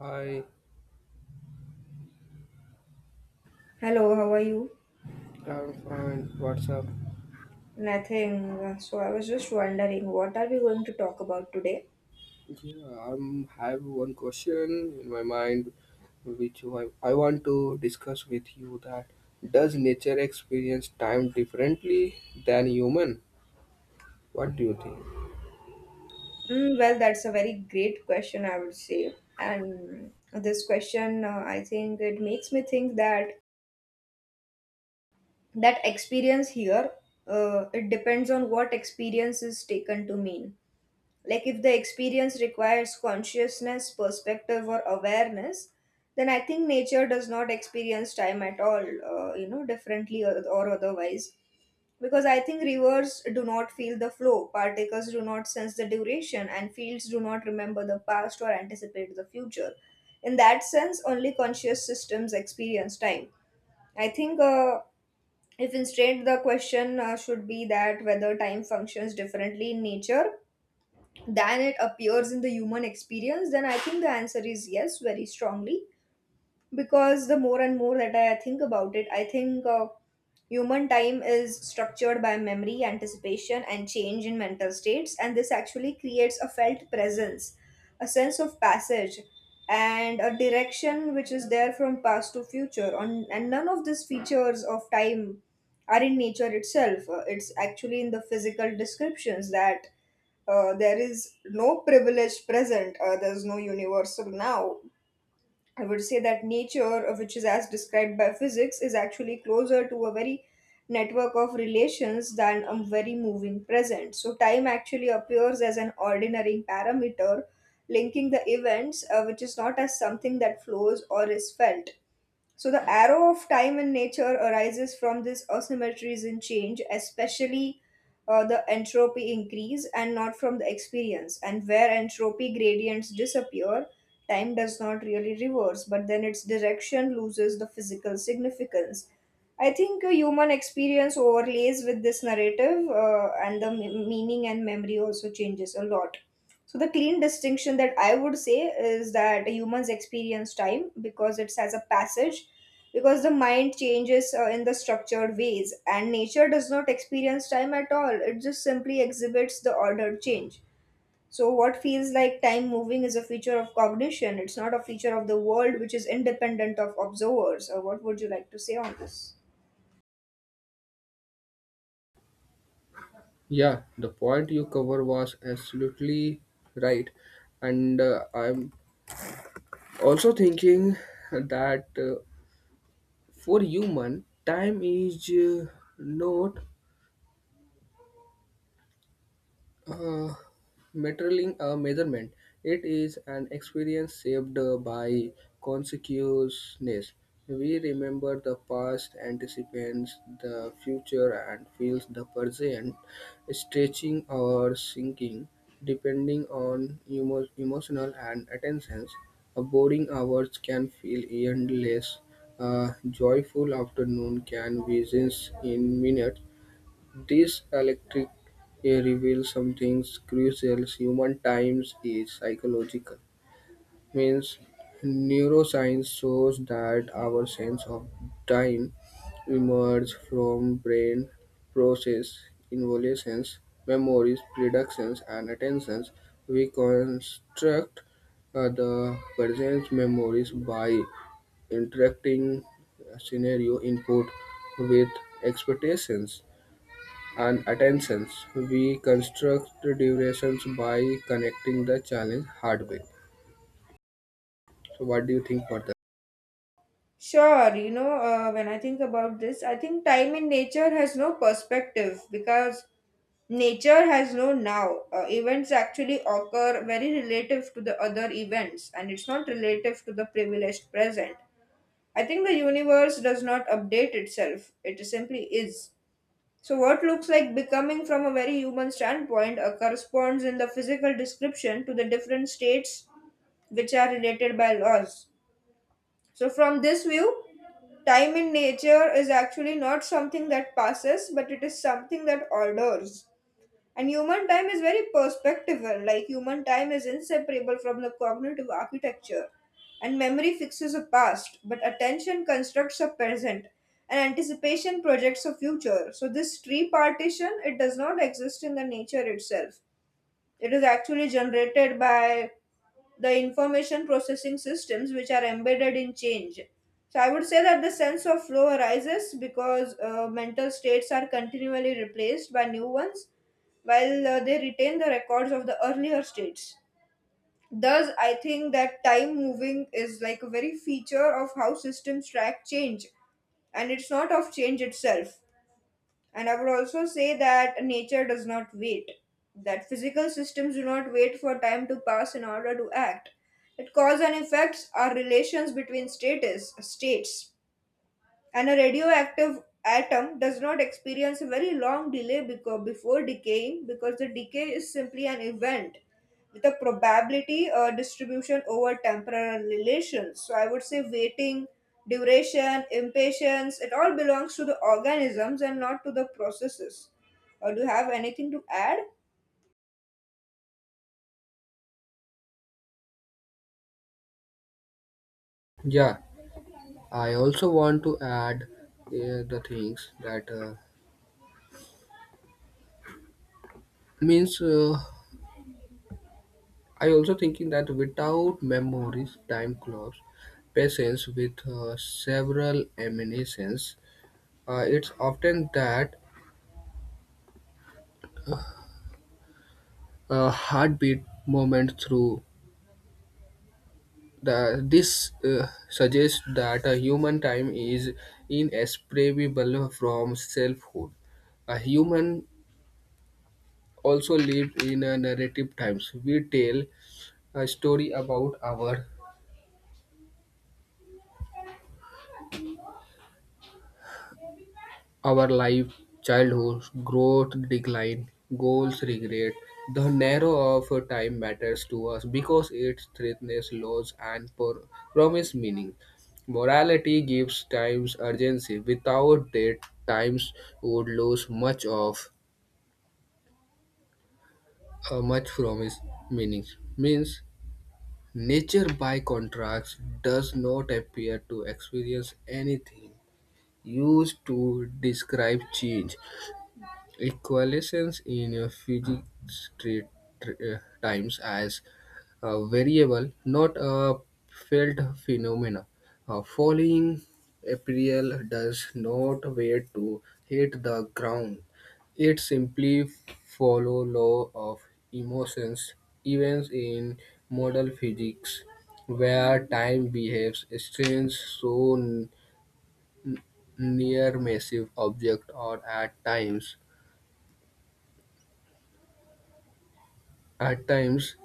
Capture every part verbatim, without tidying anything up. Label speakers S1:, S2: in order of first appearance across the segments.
S1: Hi,
S2: Hello, how are you?
S1: I'm fine. What's up?
S2: Nothing. Uh, So I was just wondering, what are we going to talk about today?
S1: Yeah, I'm have one question in my mind, which I, I want to discuss with you. That does nature experience time differently than human? What do you think?
S2: Mm, well, that's a very great question, I would say. And this question, uh, I think it makes me think that that experience here, uh, it depends on what experience is taken to mean. Like if the experience requires consciousness, perspective, or awareness, then I think nature does not experience time at all, uh, you know, differently or, or otherwise. Because I think rivers do not feel the flow, particles do not sense the duration, and fields do not remember the past or anticipate the future. In that sense, only conscious systems experience time. I think uh, If instead the question uh, should be that whether time functions differently in nature than it appears in the human experience, then I think the answer is yes, very strongly. Because the more and more that I think about it, I think. Uh, Human time is structured by memory, anticipation, and change in mental states, and this actually creates a felt presence, a sense of passage, and a direction which is there from past to future. On, and None of these features of time are in nature itself. Uh, It's actually in the physical descriptions that uh, there is no privileged present, uh, there's no universal now. I would say that nature, uh, which is as described by physics, is actually closer to a very network of relations than a very moving present. So, time actually appears as an ordinary parameter linking the events, uh, which is not as something that flows or is felt. So the arrow of time in nature arises from these asymmetries in change, especially uh, the entropy increase, and not from the experience. And where entropy gradients disappear, time does not really reverse, but then its direction loses the physical significance. I think uh, Human experience overlays with this narrative, uh, and the m- meaning and memory also changes a lot. So the clean distinction that I would say is that humans experience time because it has a passage, because the mind changes uh, in the structured ways, and nature does not experience time at all. It just simply exhibits the ordered change. So what feels like time moving is a feature of cognition. It's not a feature of the world which is independent of observers. Or what would you like to say on this?
S1: Yeah, the point you cover was absolutely right, and uh, I'm also thinking that uh, for human, time is uh, not Uh, measuring a measurement. It is an experience shaped uh, by consciousness. We remember the past, anticipates the future, and feels the present, stretching or sinking, depending on emo- emotional and attentions. A boring hours can feel endless. A joyful afternoon can be sensed in minutes. This dialectic reveals something crucial: human times is psychological, means neuroscience shows that our sense of time emerges from brain process evaluations, memories, predictions, and attentions. We construct uh, the present memories by interacting scenario input with expectations and attentions. We construct the durations by connecting the challenge hardware. So, what do you think for that?
S2: Sure, you know, uh, when I think about this, I think time in nature has no perspective because nature has no now. Uh, events actually occur very relative to the other events, and it's not relative to the privileged present. I think the universe does not update itself, it simply is. So, what looks like becoming from a very human standpoint uh, corresponds in the physical description to the different states which are related by laws. So, from this view, time in nature is actually not something that passes, but it is something that orders. And human time is very perspectival, like human time is inseparable from the cognitive architecture. And memory fixes a past, but attention constructs a present, and anticipation projects a future. So this tree partition, it does not exist in the nature itself. It is actually generated by the information processing systems which are embedded in change. So I would say that the sense of flow arises because uh, mental states are continually replaced by new ones while uh, they retain the records of the earlier states. Thus, I think that time moving is like a very feature of how systems track change, and it's not of change itself. And I would also say that nature does not wait, that physical systems do not wait for time to pass in order to act, that cause and effects are relations between status, states, and a radioactive atom does not experience a very long delay beco- before decaying, because the decay is simply an event with a probability uh, distribution over temporal relations. So I would say waiting, duration, impatience, it all belongs to the organisms and not to the processes. Or do you have anything to add?
S1: Yeah, I also want to add uh, the things that uh, means uh, I also thinking that without memories, time clocks, patience with uh, several emanations, uh, it's often that uh, heartbeat moment through The, this uh, suggests that a human time is inseparable from selfhood. A human also lives in a narrative times. We tell a story about our Our life, childhood, growth, decline, goals, regret, the narrow of time matters to us because it threatens laws and pro- promise meaning. Morality gives times urgency. Without that, times would lose much of uh, much from its meaning. Means nature, by contrast, does not appear to experience anything used to describe change. A coalescence in a Fiji Strait tr- uh, times as a variable, not a felt phenomena. A falling apparel does not wait to hit the ground. It simply follow law of emotions, events in model physics, where time behaves strange so n- n- near massive object or at times at times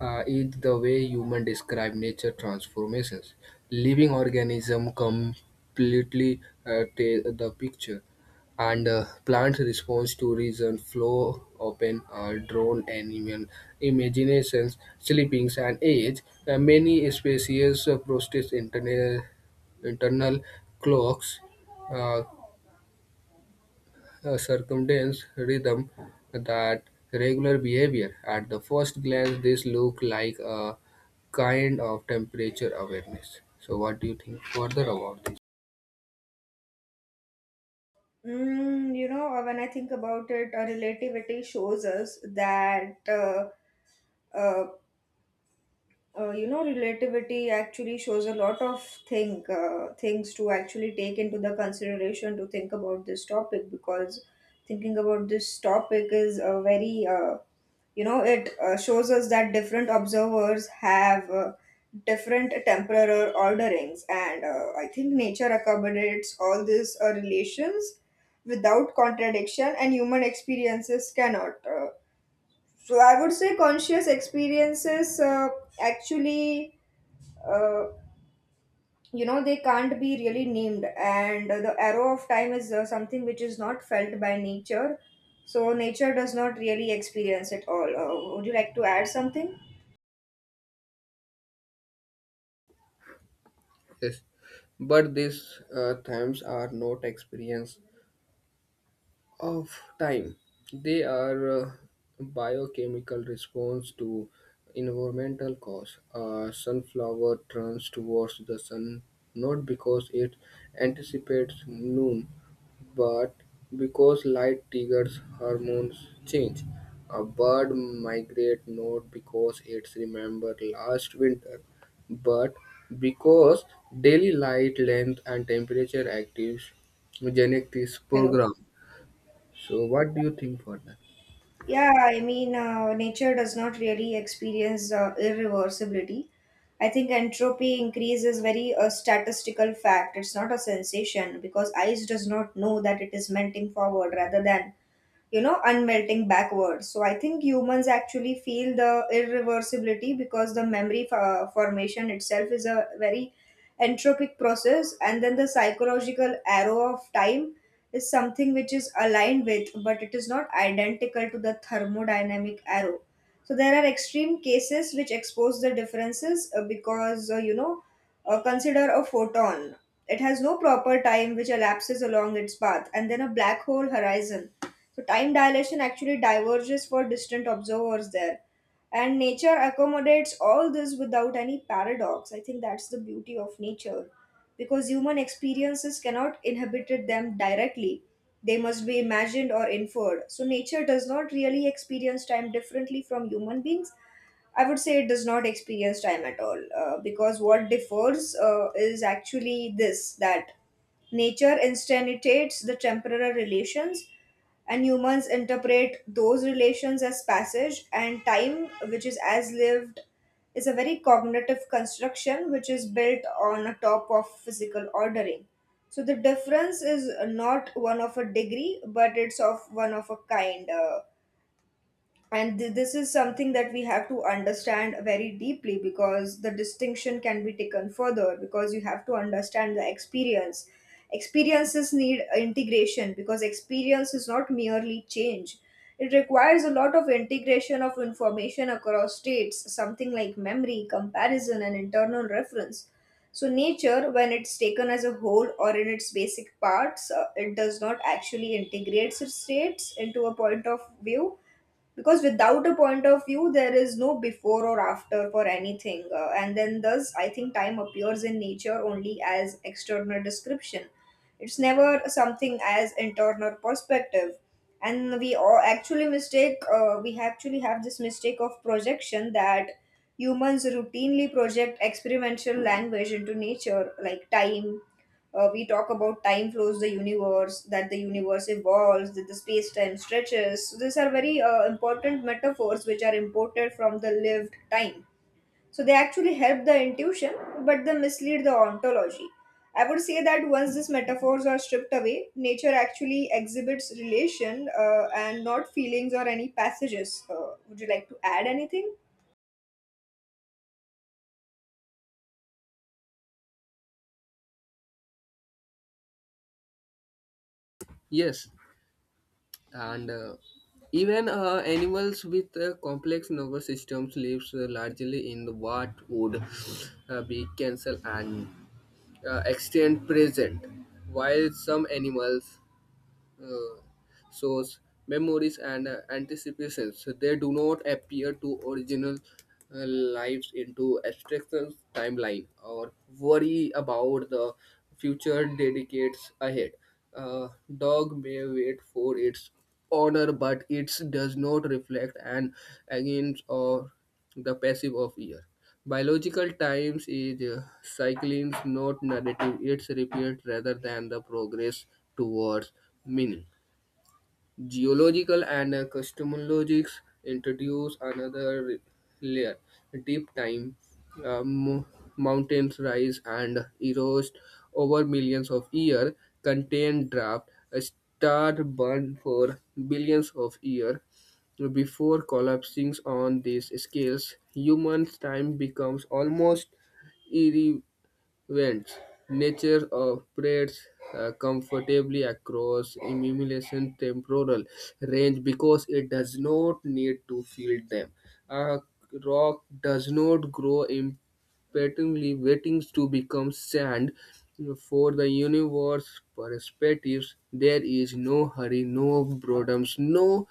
S1: uh, is the way humans describe nature transformations. Living organism completely uh, take the picture, and uh, plants response to reason, flow, open, uh, drone, animal, imaginations, sleepings, and age. Uh, many species uh, process internal internal clocks uh, uh, circumdance rhythm that regular behavior. At the first glance, this look like a kind of temperature awareness. So, what do you think further about this?
S2: Mm, you know, uh, when I think about it, uh, relativity shows us that. Uh, uh, uh, you know Relativity actually shows a lot of thing uh, things to actually take into the consideration, to think about this topic, because thinking about this topic is a very uh, you know it uh, shows us that different observers have uh, different temporal orderings, and uh, I think nature accommodates all these uh, relations without contradiction, and human experiences cannot. Uh, so I would say conscious experiences, uh, actually uh, you know they can't be really named, and the arrow of time is uh, something which is not felt by nature. So nature does not really experience it all. Uh, would you like to add something?
S1: Yes. But these uh, times are not experience of time. They are uh, biochemical response to environmental cause. A sunflower turns towards the sun not because it anticipates noon, but because light triggers hormones change, a bird migrates not because it's remember last winter, but because daily light length and temperature actives genetics
S2: Hello.
S1: program. So what do you think for that?
S2: Yeah, I mean, uh, nature does not really experience uh, irreversibility. I think entropy increase is very a statistical fact, it's not a sensation, because ice does not know that it is melting forward rather than, you know, unmelting backwards. So I think humans actually feel the irreversibility because the memory fo- formation itself is a very entropic process, and then the psychological arrow of time is something which is aligned with but it is not identical to the thermodynamic arrow. So there are extreme cases which expose the differences, uh, because uh, you know uh, consider a photon. It has no proper time which elapses along its path, and then a black hole horizon, so time dilation actually diverges for distant observers there. And nature accommodates all this without any paradox. I think that's the beauty of nature. Because human experiences cannot inhabit them directly, they must be imagined or inferred. So, nature does not really experience time differently from human beings. I would say it does not experience time at all, uh, because what differs, uh, is actually this, that nature instantiates the temporal relations and humans interpret those relations as passage. And time which is as lived is a very cognitive construction which is built on a top of physical ordering. So the difference is not one of a degree but it's of one of a kind. Uh, and th- this is something that we have to understand very deeply, because the distinction can be taken further, because you have to understand the experience experiences need integration, because experience is not merely change, it requires a lot of integration of information across states, something like memory comparison and internal reference. So nature, when it's taken as a whole or in its basic parts, uh, it does not actually integrates its states into a point of view, because without a point of view there is no before or after for anything. Uh, and then Thus I think time appears in nature only as external description, it's never something as internal perspective. And we all actually mistake uh, we actually have this mistake of projection, that humans routinely project experimental language into nature, like time. Uh, we talk about time flows the universe, that the universe evolves, that the space time stretches. So these are very uh, important metaphors which are imported from the lived time. So they actually help the intuition, but they mislead the ontology. I would say that once these metaphors are stripped away, nature actually exhibits relation, uh, and not feelings or any passages. Uh, would you like to add anything?
S1: Yes, and uh, even uh, animals with uh, complex nervous systems lives uh, largely in what would uh, be cancer and uh, extent present, while some animals uh, source, memories, and uh, anticipations. So they do not appear to original uh, lives into abstractions timeline or worry about the future dedicates ahead. A dog may wait for its honor, but it does not reflect an against or the passive of year. Biological times is uh, cycling, not narrative. It's repeat rather than the progress towards meaning. Geological and uh, cosmologics introduce another layer. Deep time, uh, mo- mountains rise and erode over millions of years, contain draft, a star burn for billions of years before collapsing on these scales. Human time becomes almost irre- vents. Nature operates uh, comfortably across emulation temporal range because it does not need to feed them. A rock does not grow impatiently waiting to become sand. For the universe perspectives, there is no hurry, no boredoms, no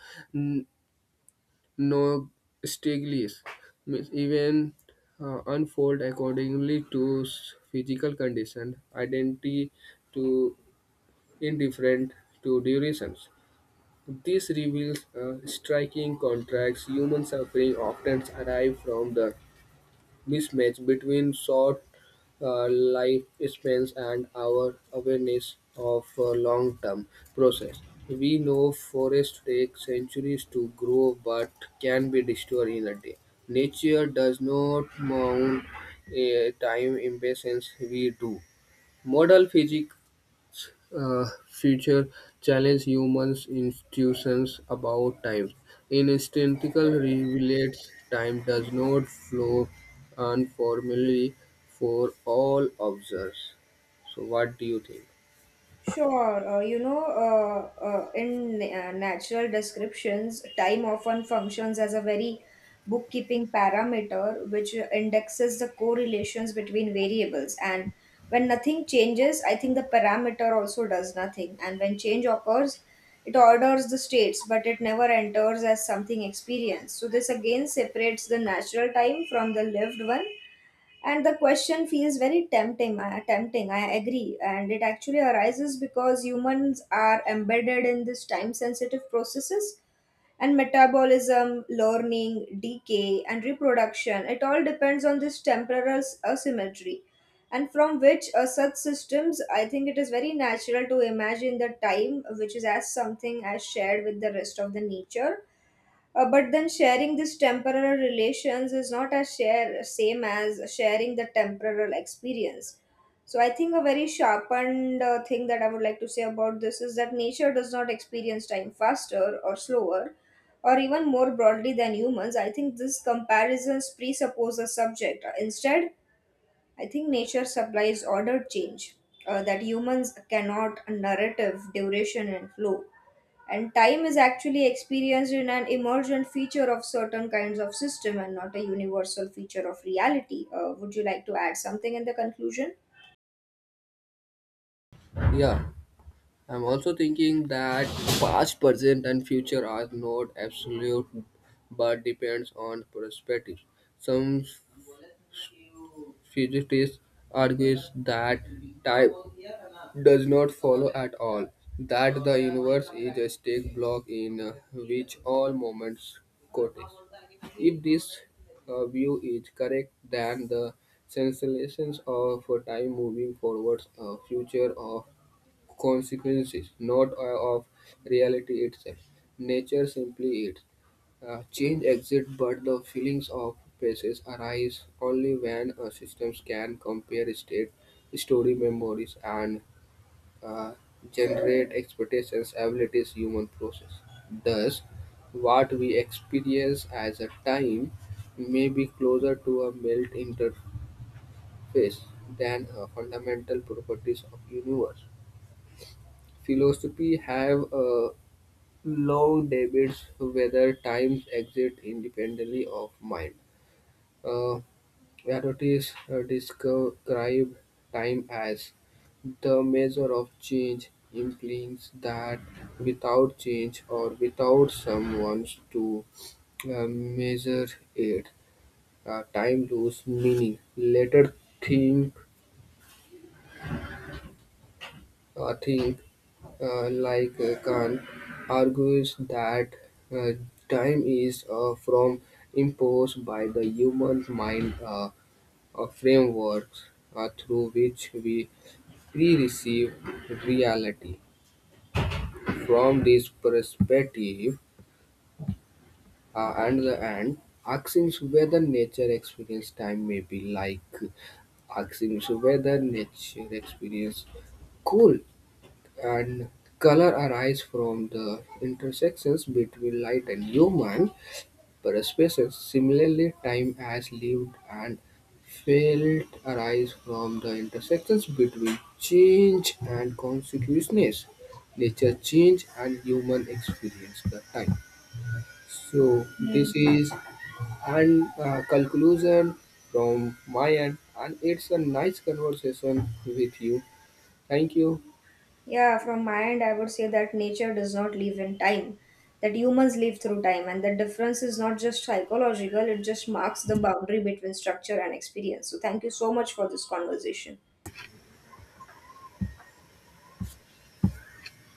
S1: Nonstaglies even uh, unfold accordingly to s- physical condition, identity to indifferent to durations. This reveals uh, striking contrasts. Human suffering often arrive from the Mismatch between short uh, lifespans and our awareness of a long-term process. We know forests take centuries to grow but can be destroyed in a day. Nature does not mourn a time impatience we do. Model physics uh, future challenge humans' institutions about time. In statistical relates, time does not flow uniformly for all observers. So, what do you think?
S2: Sure, uh, you know, uh, uh, in uh, natural descriptions, time often functions as a very bookkeeping parameter which indexes the correlations between variables. And when nothing changes, I think the parameter also does nothing. And when change occurs, it orders the states, but it never enters as something experienced. So, this again separates the natural time from the lived one. And the question feels very tempting I, tempting, I agree, and it actually arises because humans are embedded in this time sensitive processes, and metabolism, learning, decay and reproduction, it all depends on this temporal s- asymmetry, and from which, uh, such systems, I think it is very natural to imagine the time which is as something as shared with the rest of the nature. Uh, but then sharing these temporal relations is not as share same as sharing the temporal experience. So I think a very sharpened uh, thing that I would like to say about this is that nature does not experience time faster or slower, or even more broadly than humans. I think this comparisons presuppose a subject. Instead, I think nature supplies ordered change, uh, that humans cannot narrative duration and flow. And time is actually experienced in an emergent feature of certain kinds of system and not a universal feature of reality. Uh, would you like to add something in the conclusion?
S1: Yeah, I'm also thinking that past, present, and future are not absolute, but depends on perspective. Some Physicists argues that time does not follow at all, that the universe is a static block in uh, which all moments coexist. If this uh, view is correct, then the sensations of a time moving forwards a future of consequences, not uh, of reality itself. Nature simply is. Uh, change exists, but the feelings of places arise only when uh, systems can compare state, story memories, and uh, generate expectations, abilities, human process. Thus, what we experience as a time may be closer to a melt interface than uh, fundamental properties of universe. Philosophy have uh, long debates whether times exist independently of mind. Uh, Herodotus uh, described time as the measure of change implies that without change or without someone to uh, measure it, uh, time loses meaning. Later think, uh, think uh, like uh, Kant argues that uh, time is uh, from imposed by the human mind. Uh, A frameworks uh, through which we pre receive reality. From this perspective, uh, and the end, asking whether nature experience time may be like asking whether nature experience cool and color arise from the intersections between light and human. Other species, similarly time has lived and felt, arise from the intersections between change and consciousness, nature change and human experience the time. So this is and uh, conclusion from my end and it's a nice conversation with you. Thank you.
S2: Yeah, from my end I would say that nature does not live in time, that humans live through time, and the difference is not just psychological, it just marks the boundary between structure and experience. So thank you so much for this conversation.